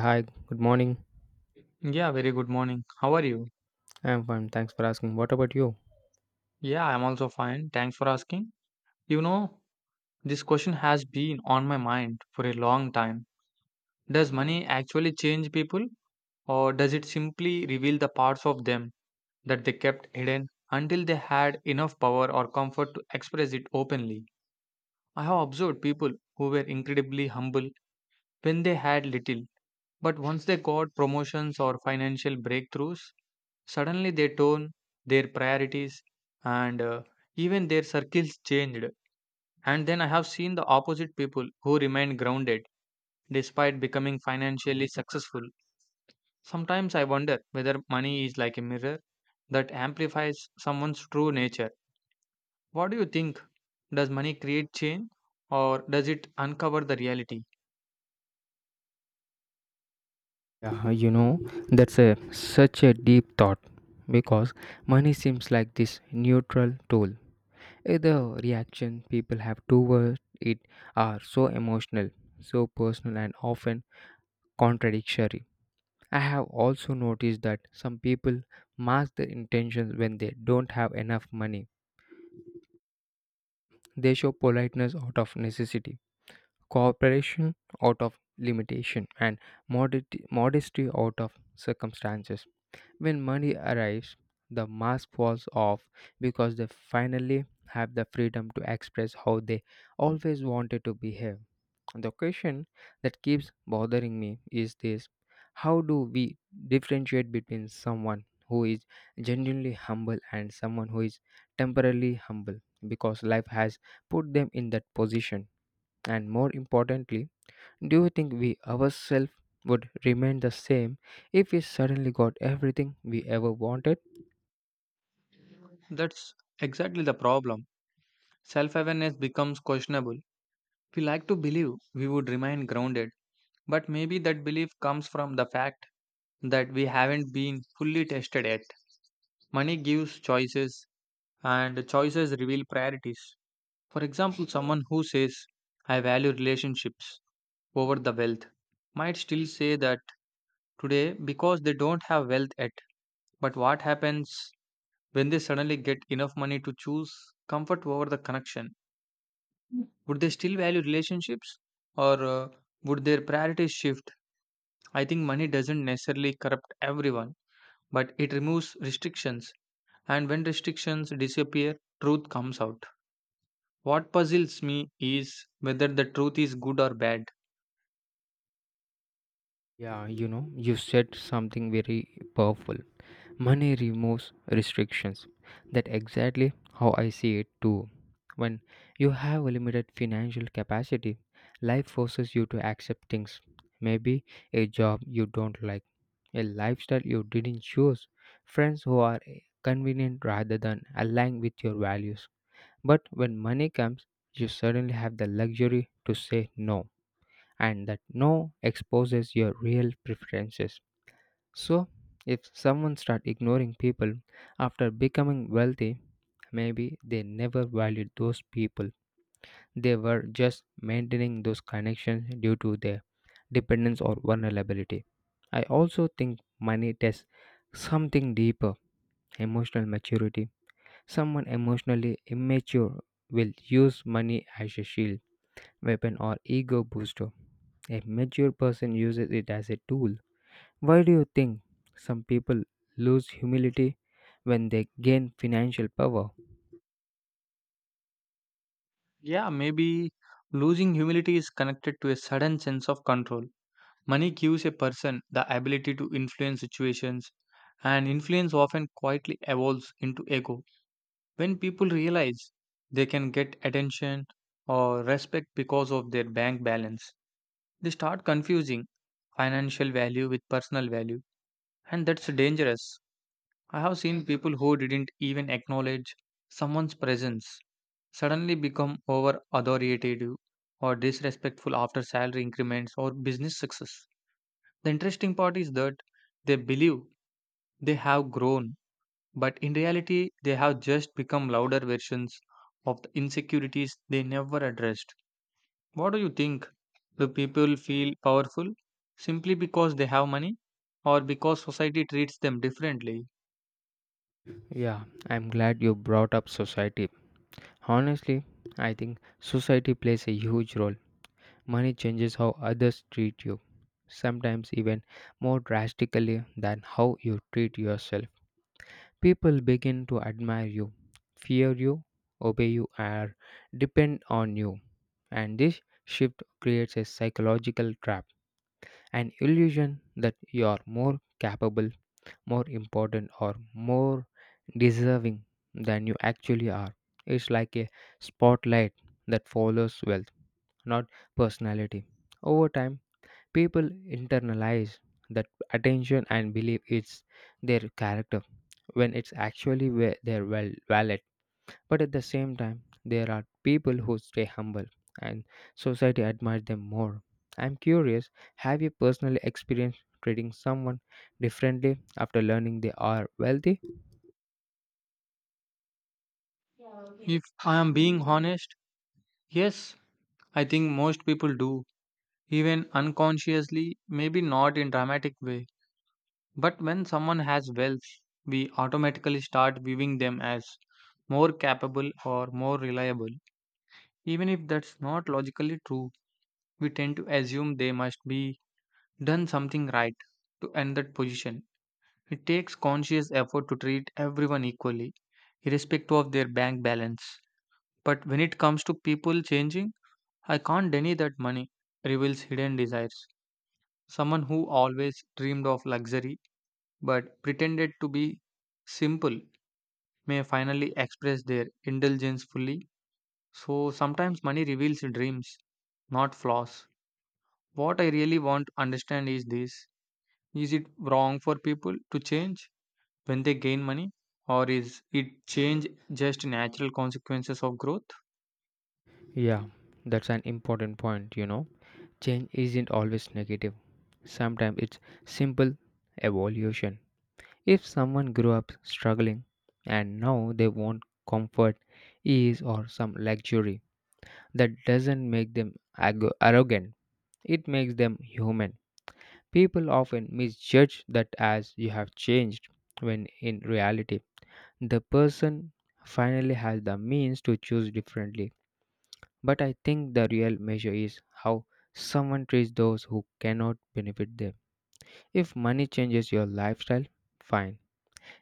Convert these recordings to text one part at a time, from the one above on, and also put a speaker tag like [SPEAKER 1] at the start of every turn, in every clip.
[SPEAKER 1] Hi, good morning.
[SPEAKER 2] Yeah, very good morning. How are you?
[SPEAKER 1] I'm fine. Thanks for asking. What about you?
[SPEAKER 2] Yeah, I'm also fine. Thanks for asking. You know, this question has been on my mind for a long time. Does money actually change people, or does it simply reveal the parts of them that they kept hidden until they had enough power or comfort to express it openly? I have observed people who were incredibly humble when they had little, but once they got promotions or financial breakthroughs, suddenly their tone, their priorities, and even their circles changed. And then I have seen the opposite people who remain grounded despite becoming financially successful. Sometimes I wonder whether money is like a mirror that amplifies someone's true nature. What do you think? Does money create change, or does it uncover the reality?
[SPEAKER 1] Yeah, you know, that's a such a deep thought because money seems like this neutral tool. The reaction people have towards it are so emotional, so personal, and often contradictory. I have also noticed that some people mask their intentions when they don't have enough money. They show politeness out of necessity, cooperation out of limitation, and modesty out of circumstances. When money arrives, the mask falls off because they finally have the freedom to express how they always wanted to behave. The question that keeps bothering me is this: how do we differentiate between someone who is genuinely humble and someone who is temporarily humble because life has put them in that position? And more importantly, do you think we ourselves would remain the same if we suddenly got everything we ever wanted?
[SPEAKER 2] That's exactly the problem. Self awareness becomes questionable. We like to believe we would remain grounded, but maybe that belief comes from the fact that we haven't been fully tested yet. Money gives choices, and choices reveal priorities. For example, someone who says, I value relationships over the wealth, might still say that today because they don't have wealth yet. But what happens when they suddenly get enough money to choose comfort over the connection? Would they still value relationships, or would their priorities shift? I think money doesn't necessarily corrupt everyone, but it removes restrictions. And when restrictions disappear, truth comes out. What puzzles me is whether the truth is good or bad.
[SPEAKER 1] Yeah, you know, you said something very powerful. Money removes restrictions. That exactly how I see it too. When you have a limited financial capacity, life forces you to accept things. Maybe a job you don't like, a lifestyle you didn't choose, friends who are convenient rather than aligned with your values. But when money comes, you suddenly have the luxury to say no, and that no exposes your real preferences. So, if someone start ignoring people after becoming wealthy, maybe they never valued those people. They were just maintaining those connections due to their dependence or vulnerability. I also think money tests something deeper, emotional maturity. Someone emotionally immature will use money as a shield, weapon, or ego booster. A mature person uses it as a tool. Why do you think some people lose humility when they gain financial power?
[SPEAKER 2] Yeah, maybe losing humility is connected to a sudden sense of control. Money gives a person the ability to influence situations, and influence often quietly evolves into ego. When people realize they can get attention or respect because of their bank balance, they start confusing financial value with personal value. And that's dangerous. I have seen people who didn't even acknowledge someone's presence suddenly become over authoritative or disrespectful after salary increments or business success. The interesting part is that they believe they have grown, but in reality, they have just become louder versions of the insecurities they never addressed. What do you think? Do people feel powerful simply because they have money, or because society treats them differently?
[SPEAKER 1] Yeah, I'm glad you brought up society. Honestly, I think society plays a huge role. Money changes how others treat you, sometimes even more drastically than how you treat yourself. People begin to admire you, fear you, obey you, or depend on you. And this shift creates a psychological trap, an illusion that you are more capable, more important, or more deserving than you actually are. It's like a spotlight that follows wealth, not personality. Over time, people internalize that attention and believe it's their character when it's actually their wallet. But at the same time, there are people who stay humble and society admires them more. I'm curious, have you personally experienced treating someone differently after learning they are wealthy?
[SPEAKER 2] If I am being honest, yes, I think most people do, even unconsciously, maybe not in dramatic way. But when someone has wealth, we automatically start viewing them as more capable or more reliable. Even if that's not logically true, we tend to assume they must be done something right to end that position. It takes conscious effort to treat everyone equally, irrespective of their bank balance. But when it comes to people changing, I can't deny that money reveals hidden desires. Someone who always dreamed of luxury but pretended to be simple may finally express their indulgence fully. So sometimes money reveals dreams, not flaws. What I really want to understand is this: is it wrong for people to change when they gain money? Or is it change just natural consequences of growth?
[SPEAKER 1] Yeah, that's an important point, you know. Change isn't always negative. Sometimes it's simple evolution. If someone grew up struggling and now they want comfort, ease, or some luxury, that doesn't make them arrogant, it makes them human. People often misjudge that as you have changed, when in reality, the person finally has the means to choose differently. But I think the real measure is how someone treats those who cannot benefit them. If money changes your lifestyle, fine.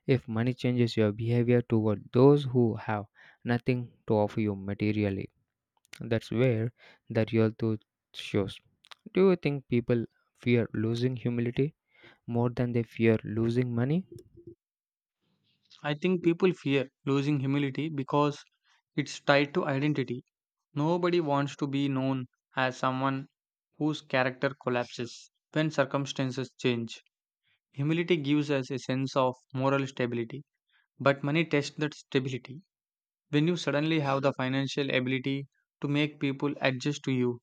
[SPEAKER 1] If money changes your behavior toward those who have nothing to offer you materially, that's where the real truth shows. Do you think people fear losing humility more than they fear losing money?
[SPEAKER 2] I think people fear losing humility because it's tied to identity. Nobody wants to be known as someone whose character collapses when circumstances change. Humility gives us a sense of moral stability, but money tests that stability. When you suddenly have the financial ability to make people adjust to you,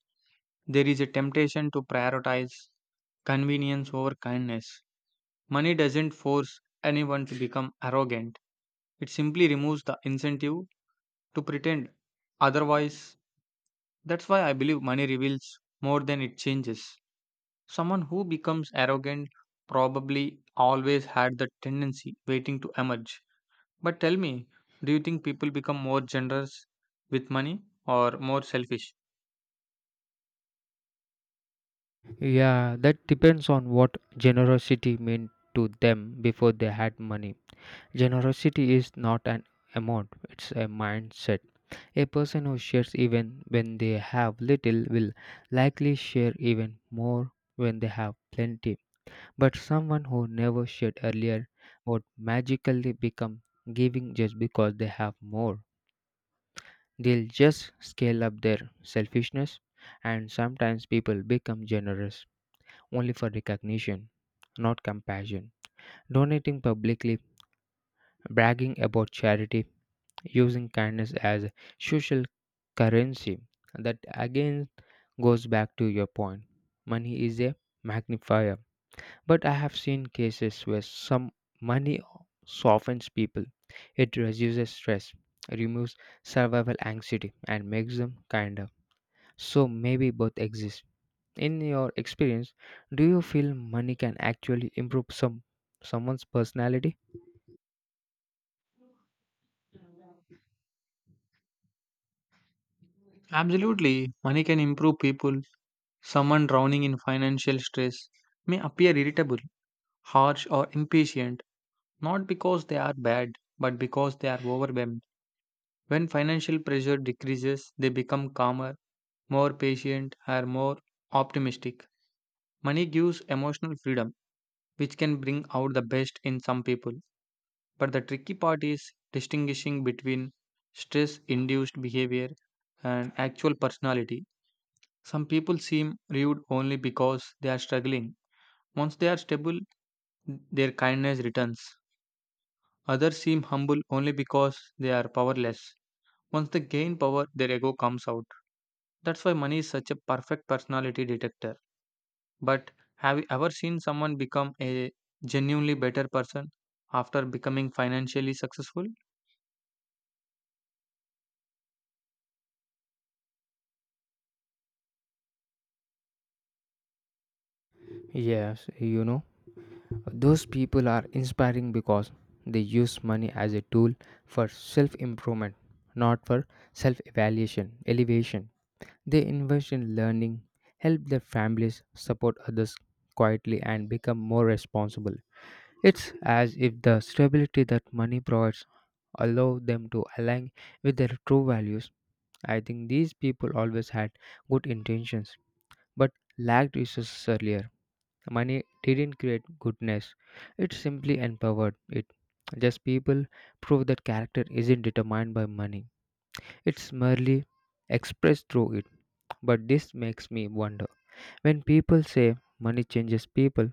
[SPEAKER 2] there is a temptation to prioritize convenience over kindness. Money doesn't force anyone to become arrogant, it simply removes the incentive to pretend otherwise. That's why I believe money reveals more than it changes. Someone who becomes arrogant probably always had that tendency waiting to emerge. But tell me, do you think people become more generous with money or more selfish?
[SPEAKER 1] Yeah, that depends on what generosity meant to them before they had money. Generosity is not an amount, it's a mindset. A person who shares even when they have little will likely share even more when they have plenty. But someone who never shared earlier would magically become giving just because they have more. They'll just scale up their selfishness, and sometimes people become generous only for recognition, not compassion. Donating publicly, bragging about charity, using kindness as a social currency. That again goes back to your point. Money is a magnifier. But I have seen cases where some money softens people. It reduces stress, removes survival anxiety, and makes them kinder. So maybe both exist. In your experience, do you feel money can actually improve someone's personality?
[SPEAKER 2] Absolutely, money can improve people. Someone drowning in financial stress may appear irritable, harsh, or impatient, not because they are bad, but because they are overwhelmed. When financial pressure decreases, they become calmer, more patient, are more optimistic. Money gives emotional freedom, which can bring out the best in some people. But the tricky part is distinguishing between stress induced behavior and actual personality. Some people seem rude only because they are struggling. Once they are stable, their kindness returns. Others seem humble only because they are powerless. Once they gain power, their ego comes out. That's why money is such a perfect personality detector. But have you ever seen someone become a genuinely better person after becoming financially successful?
[SPEAKER 1] Yes, you know, those people are inspiring because they use money as a tool for self improvement, not for elevation. They invest in learning, help their families, support others quietly, and become more responsible. It's as if the stability that money provides allow them to align with their true values. I think these people always had good intentions but lacked resources earlier. Money didn't create goodness, it simply empowered it. Just people prove that character isn't determined by money, it's merely expressed through it. But this makes me wonder, when people say money changes people,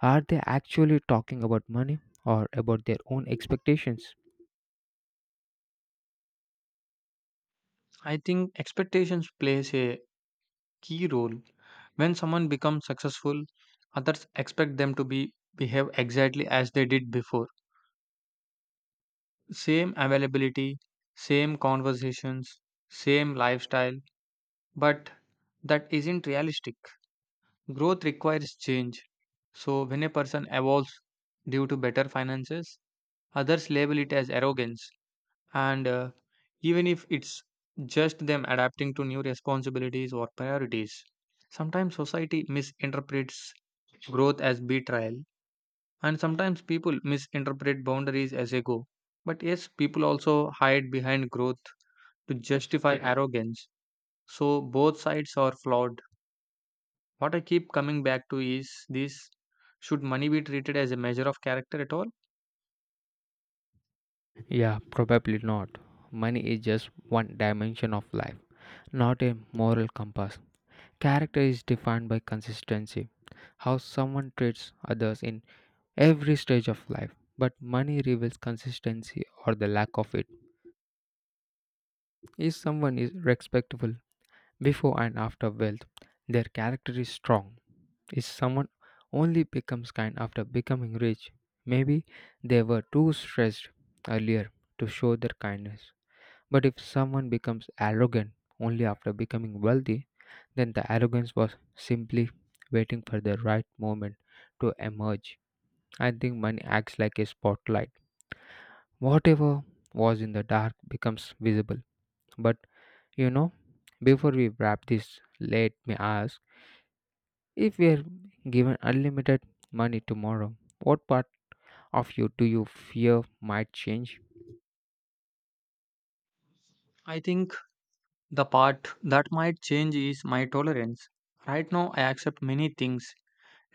[SPEAKER 1] are they actually talking about money or about their own expectations?
[SPEAKER 2] I think expectations plays a key role. When someone becomes successful, others expect them to be behave exactly as they did before. Same availability, same conversations, same lifestyle, but that isn't realistic. Growth requires change. So when a person evolves due to better finances, others label it as arrogance, and even if it's just them adapting to new responsibilities or priorities. Sometimes society misinterprets growth as betrayal, and sometimes people misinterpret boundaries as ego. But yes, people also hide behind growth to justify arrogance. So both sides are flawed. What I keep coming back to is this: should money be treated as a measure of character at all?
[SPEAKER 1] Yeah, probably not. Money is just one dimension of life, not a moral compass. Character is defined by consistency, how someone treats others in every stage of life. But money reveals consistency or the lack of it. If someone is respectful before and after wealth, their character is strong. If someone only becomes kind after becoming rich, maybe they were too stressed earlier to show their kindness. But if someone becomes arrogant only after becoming wealthy, then the arrogance was simply waiting for the right moment to emerge. I think money acts like a spotlight. Whatever was in the dark becomes visible. But you know, before we wrap this, let me ask, if we are given unlimited money tomorrow, what part of you do you fear might change?
[SPEAKER 2] I think the part that might change is my tolerance. Right now, I accept many things,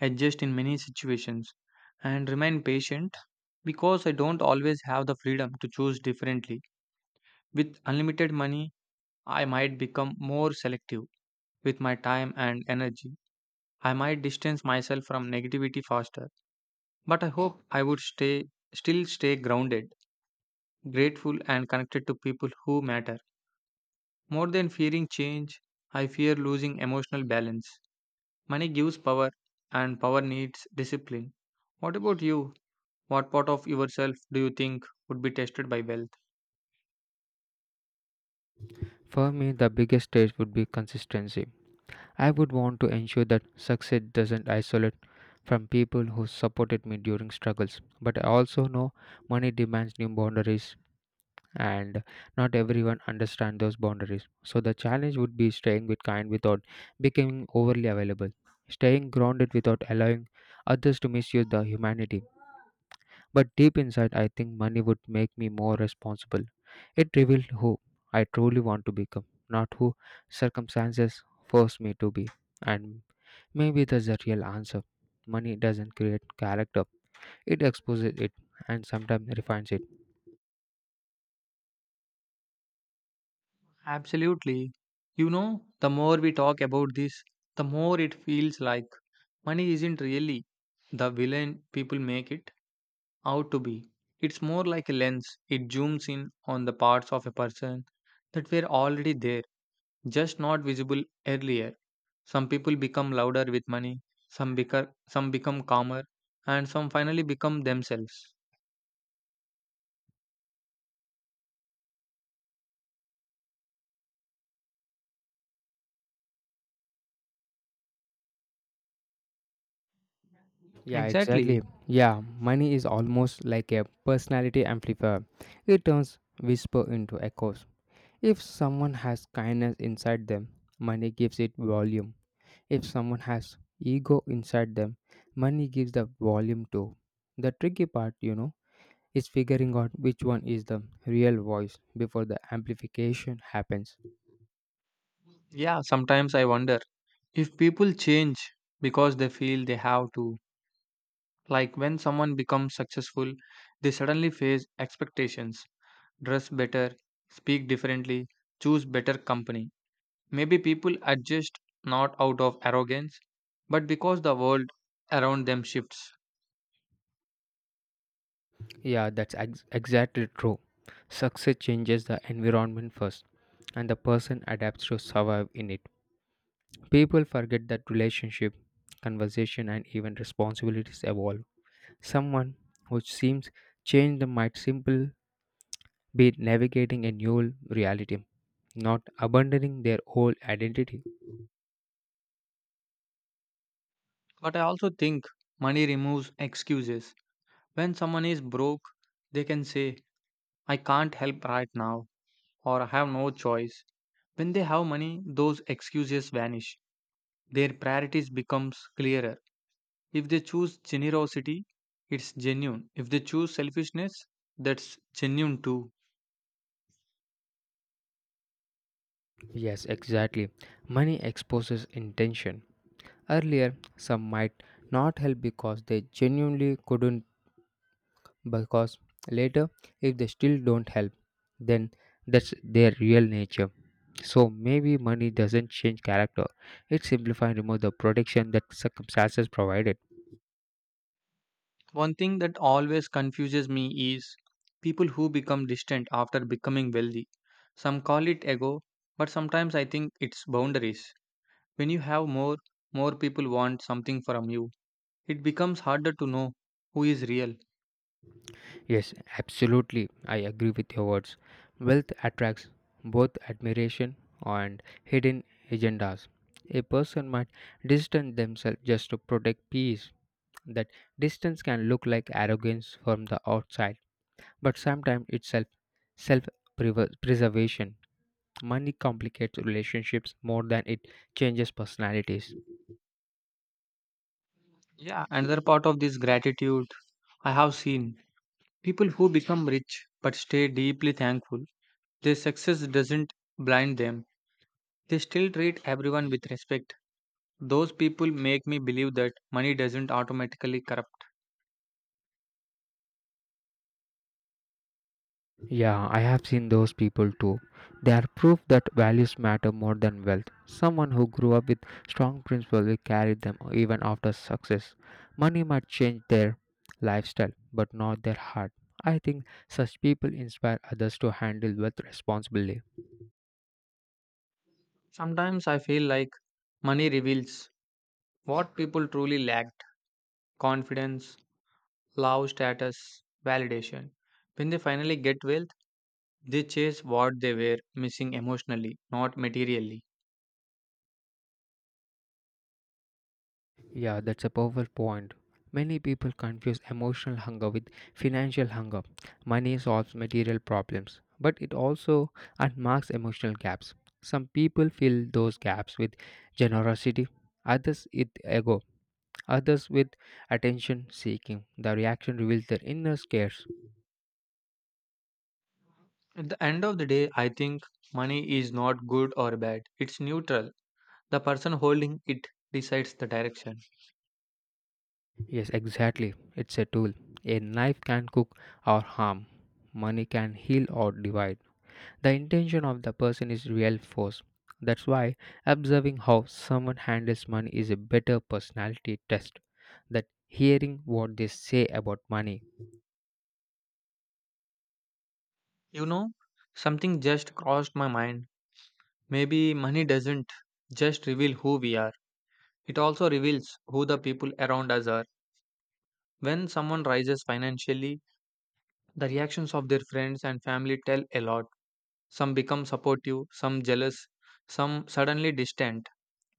[SPEAKER 2] adjust in many situations, and remain patient because I don't always have the freedom to choose differently. With unlimited money, I might become more selective with my time and energy. I might distance myself from negativity faster, but I hope I would stay still stay grounded, grateful and connected to people who matter. More than fearing change, I fear losing emotional balance. Money gives power, and power needs discipline. What about you? What part of yourself do you think would be tested by wealth?
[SPEAKER 1] For me, the biggest stage would be consistency. I would want to ensure that success doesn't isolate from people who supported me during struggles. But I also know money demands new boundaries and not everyone understands those boundaries. So the challenge would be staying with kind without becoming overly available. Staying grounded without allowing others to misuse the humanity. But deep inside, I think money would make me more responsible. It revealed who I truly want to become, not who circumstances force me to be. And maybe that's the real answer. Money doesn't create character, it exposes it and sometimes refines it.
[SPEAKER 2] Absolutely. You know, the more we talk about this, the more it feels like money isn't really the villain people make it out to be. It's more like a lens, it zooms in on the parts of a person that were already there, just not visible earlier. Some people become louder with money, some become calmer, and some finally become themselves.
[SPEAKER 1] Yeah, exactly.
[SPEAKER 2] Exactly.
[SPEAKER 1] Yeah, money is almost like a personality amplifier. It turns whisper into echoes. If someone has kindness inside them, money gives it volume. If someone has ego inside them, money gives the volume too. The tricky part, you know, is figuring out which one is the real voice before the amplification happens.
[SPEAKER 2] Yeah, sometimes I wonder if people change because they feel they have to. Like when someone becomes successful, they suddenly face expectations, dress better, speak differently, choose better company. Maybe people adjust not out of arrogance, but because the world around them shifts.
[SPEAKER 1] Yeah, that's exactly true. Success changes the environment first, and the person adapts to survive in it. People forget that relationship, conversation, and even responsibilities evolve. Someone who seems changed might simply be navigating a new reality, not abandoning their whole identity.
[SPEAKER 2] But I also think money removes excuses. When someone is broke, they can say, I can't help right now, or I have no choice. When they have money, those excuses vanish. Their priorities becomes clearer. If they choose generosity, it's genuine. If they choose selfishness, that's genuine too.
[SPEAKER 1] Yes, exactly. Money exposes intention. Earlier, some might not help because they genuinely couldn't, because later, if they still don't help, then that's their real nature. So maybe money doesn't change character, it simplifies and removes the protection that circumstances provided.
[SPEAKER 2] One thing that always confuses me is people who become distant after becoming wealthy. Some call it ego, but sometimes I think it's boundaries. When you have more, more people want something from you, it becomes harder to know who is real.
[SPEAKER 1] Yes, absolutely. I agree with your words. Wealth attracts both admiration and hidden agendas. A person might distance themselves just to protect peace. That distance can look like arrogance from the outside, but sometimes it's self preservation. Money complicates relationships more than it changes personalities.
[SPEAKER 2] Yeah, another part of this gratitude, I have seen people who become rich but stay deeply thankful. Their success doesn't blind them. They still treat everyone with respect. Those people make me believe that money doesn't automatically corrupt.
[SPEAKER 1] Yeah, I have seen those people too. They are proof that values matter more than wealth. Someone who grew up with strong principles will carry them even after success. Money might change their lifestyle, but not their heart. I think such people inspire others to handle wealth responsibly.
[SPEAKER 2] Sometimes I feel like money reveals what people truly lacked: confidence, love, status, validation. When they finally get wealth, they chase what they were missing emotionally, not materially.
[SPEAKER 1] Yeah, that's a powerful point. Many people confuse emotional hunger with financial hunger. Money solves material problems, but it also unmarks emotional gaps. Some people fill those gaps with generosity, others with ego, others with attention seeking. The reaction reveals their inner scares.
[SPEAKER 2] At the end of the day, I think money is not good or bad. It's neutral. The person holding it decides the direction.
[SPEAKER 1] Yes, exactly. It's a tool. A knife can cook or harm. Money can heal or divide. The intention of the person is real force. That's why observing how someone handles money is a better personality test than hearing what they say about money.
[SPEAKER 2] You know, something just crossed my mind. Maybe money doesn't just reveal who we are, it also reveals who the people around us are. When someone rises financially, the reactions of their friends and family tell a lot. Some become supportive, some jealous, some suddenly distant.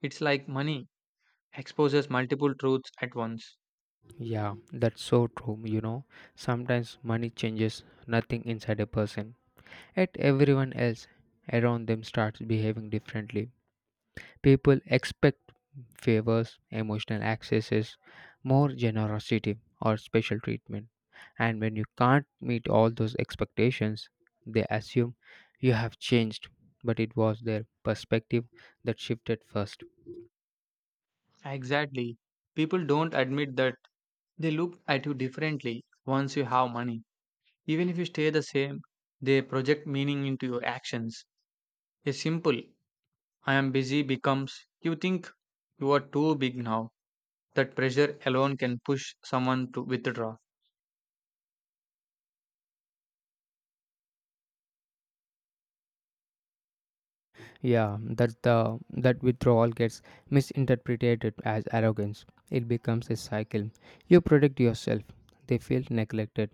[SPEAKER 2] It's like money exposes multiple truths at once.
[SPEAKER 1] Yeah, that's so true, you know. Sometimes money changes nothing inside a person, yet everyone else around them starts behaving differently. People expect favors, emotional accesses, more generosity, or special treatment. And when you can't meet all those expectations, they assume you have changed, but it was their perspective that shifted first.
[SPEAKER 2] Exactly. People don't admit that they look at you differently once you have money. Even if you stay the same, they project meaning into your actions. A simple, I am busy becomes, you think you are too big now. That pressure alone can push someone to withdraw.
[SPEAKER 1] Yeah, that withdrawal gets misinterpreted as arrogance. It becomes a cycle. You protect yourself. They feel neglected.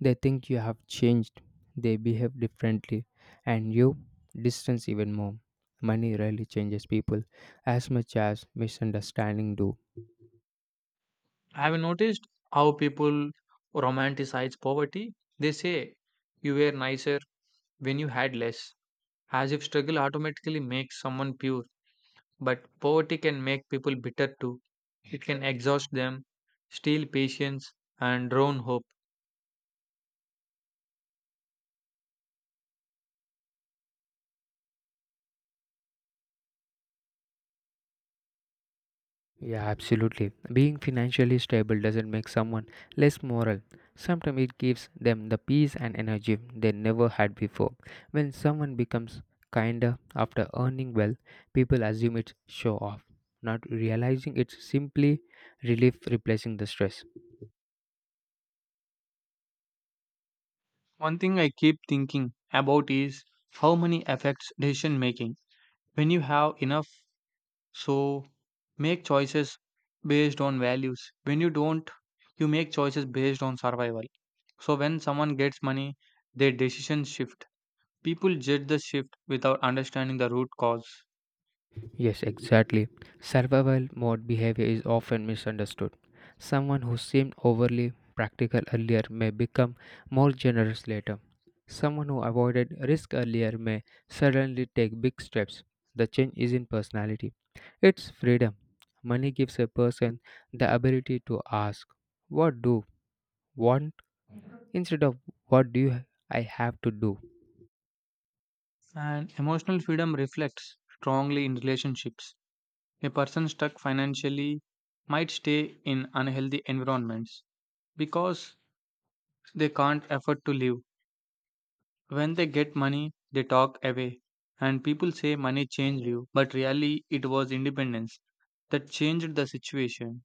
[SPEAKER 1] They think you have changed. They behave differently, and you distance even more. Money rarely changes people as much as misunderstanding do.
[SPEAKER 2] Have you noticed how people romanticize poverty? They say, you were nicer when you had less, as if struggle automatically makes someone pure. But poverty can make people bitter too. It can exhaust them, steal patience, and drown hope.
[SPEAKER 1] Yeah, absolutely. Being financially stable doesn't make someone less moral. Sometimes it gives them the peace and energy they never had before. When someone becomes kinder after earning well, people assume it's show off, not realizing it's simply relief replacing the stress.
[SPEAKER 2] One thing I keep thinking about is how money affects decision making. When you have enough, so make choices based on values. When you don't, you make choices based on survival. So when someone gets money, their decisions shift. People judge the shift without understanding the root cause.
[SPEAKER 1] Yes, exactly. Survival mode behavior is often misunderstood. Someone who seemed overly practical earlier may become more generous later. Someone who avoided risk earlier may suddenly take big steps. The change is in personality. It's freedom. Money gives a person the ability to ask, what do want instead of what do you, I have to do?
[SPEAKER 2] And emotional freedom reflects strongly in relationships. A person stuck financially might stay in unhealthy environments because they can't afford to live. When they get money, they talk away. And people say money changed you, but really it was independence that changed the situation.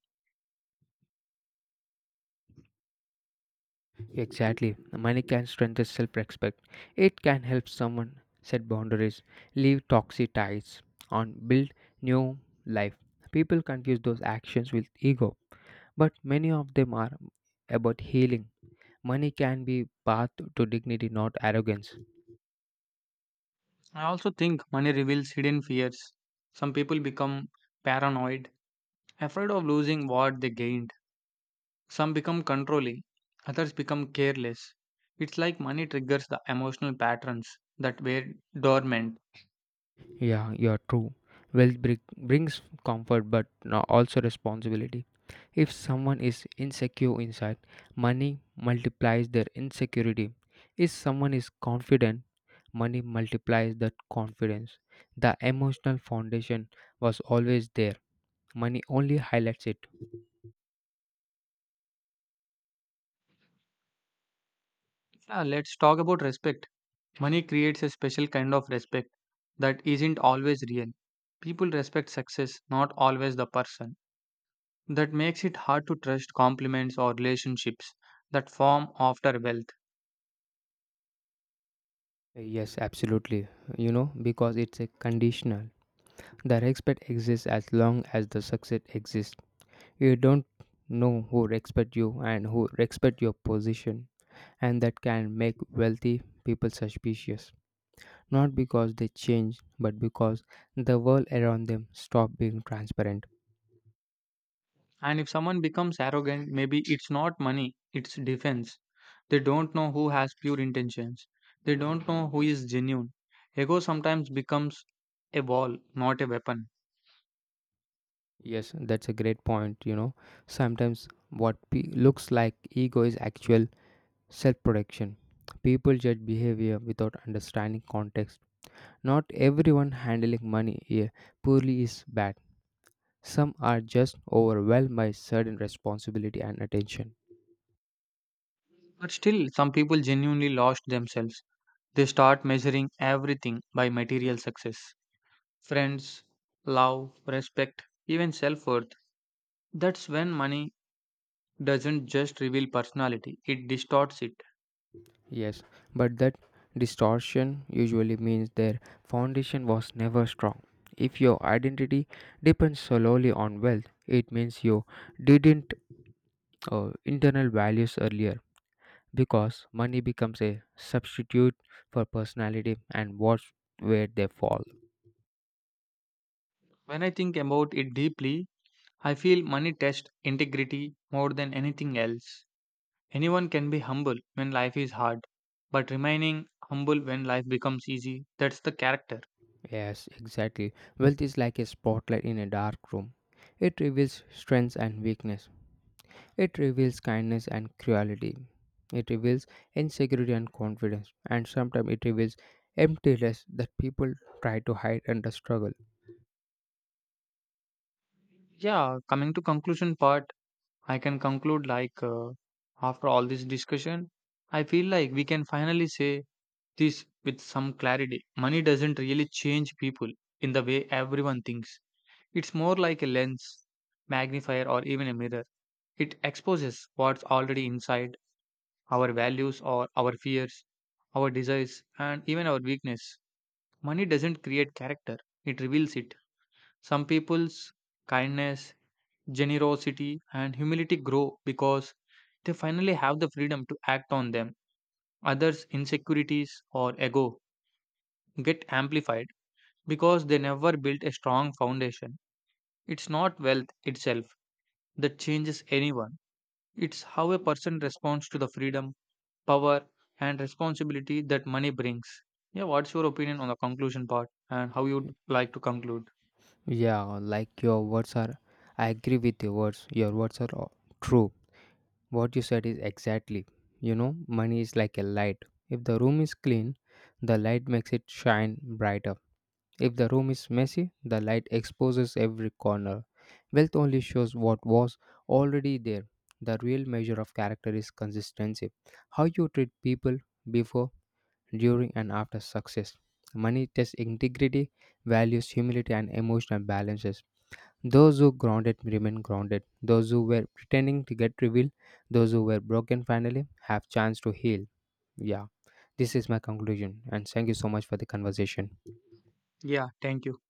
[SPEAKER 1] Exactly. Money can strengthen self respect. It can help someone set boundaries, leave toxic ties, and build new life. People confuse those actions with ego, but many of them are about healing. Money can be path to dignity, not arrogance.
[SPEAKER 2] I also think money reveals hidden fears. Some people become paranoid, afraid of losing what they gained. Some become controlling, others become careless. It's like money triggers the emotional patterns that were dormant.
[SPEAKER 1] Yeah, you're true. Wealth brings comfort but also responsibility. If someone is insecure inside, money multiplies their insecurity. If someone is confident, money multiplies that confidence. The emotional foundation was always there. Money only highlights it.
[SPEAKER 2] Yeah, let's talk about respect. Money creates a special kind of respect that isn't always real. People respect success, not always the person. That makes it hard to trust compliments or relationships that form after wealth.
[SPEAKER 1] Yes, absolutely. You know, because it's a conditional. The respect exists as long as the success exists. You don't know who respect you and who respect your position, and that can make wealthy people suspicious. Not because they change, but because the world around them stop being transparent.
[SPEAKER 2] And if someone becomes arrogant, maybe it's not money, it's defense. They don't know who has pure intentions, they don't know who is genuine. Ego sometimes becomes a wall, not a weapon.
[SPEAKER 1] Yes, that's a great point. You know, sometimes what looks like ego is actual self protection. People judge behavior without understanding context. Not everyone handling money poorly is bad. Some are just overwhelmed by sudden responsibility and attention.
[SPEAKER 2] But still, some people genuinely lost themselves. They start measuring everything by material success: friends, love, respect, even self worth. That's when money doesn't just reveal personality, it distorts it.
[SPEAKER 1] Yes, but that distortion usually means their foundation was never strong. If your identity depends solely on wealth, it means you didn't internal values earlier because money becomes a substitute for personality and what's where they fall.
[SPEAKER 2] When I think about it deeply, I feel money tests integrity more than anything else. Anyone can be humble when life is hard, but remaining humble when life becomes easy, that's the character.
[SPEAKER 1] Yes, exactly. Wealth is like a spotlight in a dark room. It reveals strengths and weakness. It reveals kindness and cruelty. It reveals insecurity and confidence. And sometimes it reveals emptiness that people try to hide under struggle.
[SPEAKER 2] Yeah, coming to conclusion part, I can conclude like after all this discussion, I feel like we can finally say this with some clarity. Money doesn't really change people in the way everyone thinks. It's more like a lens, magnifier, or even a mirror. It exposes what's already inside: our values or our fears, our desires, and even our weakness. Money doesn't create character, it reveals it. Some people's kindness, generosity, and humility grow because they finally have the freedom to act on them. Others' insecurities or ego get amplified because they never built a strong foundation. It's not wealth itself that changes anyone, it's how a person responds to the freedom, power, and responsibility that money brings. Yeah, what's your opinion on the conclusion part and how you'd like to conclude?
[SPEAKER 1] Yeah, like your words are. I agree with your words. Your words are all true. What you said is exactly. You know, money is like a light. If the room is clean, the light makes it shine brighter. If the room is messy, the light exposes every corner. Wealth only shows what was already there. The real measure of character is consistency. How you treat people before, during, and after success. Money tests integrity, values, humility, and emotional balances. Those who grounded remain grounded. Those who were pretending to get revealed, those who were broken finally have chance to heal. Yeah, this is my conclusion, and thank you so much for the conversation.
[SPEAKER 2] Yeah, thank you.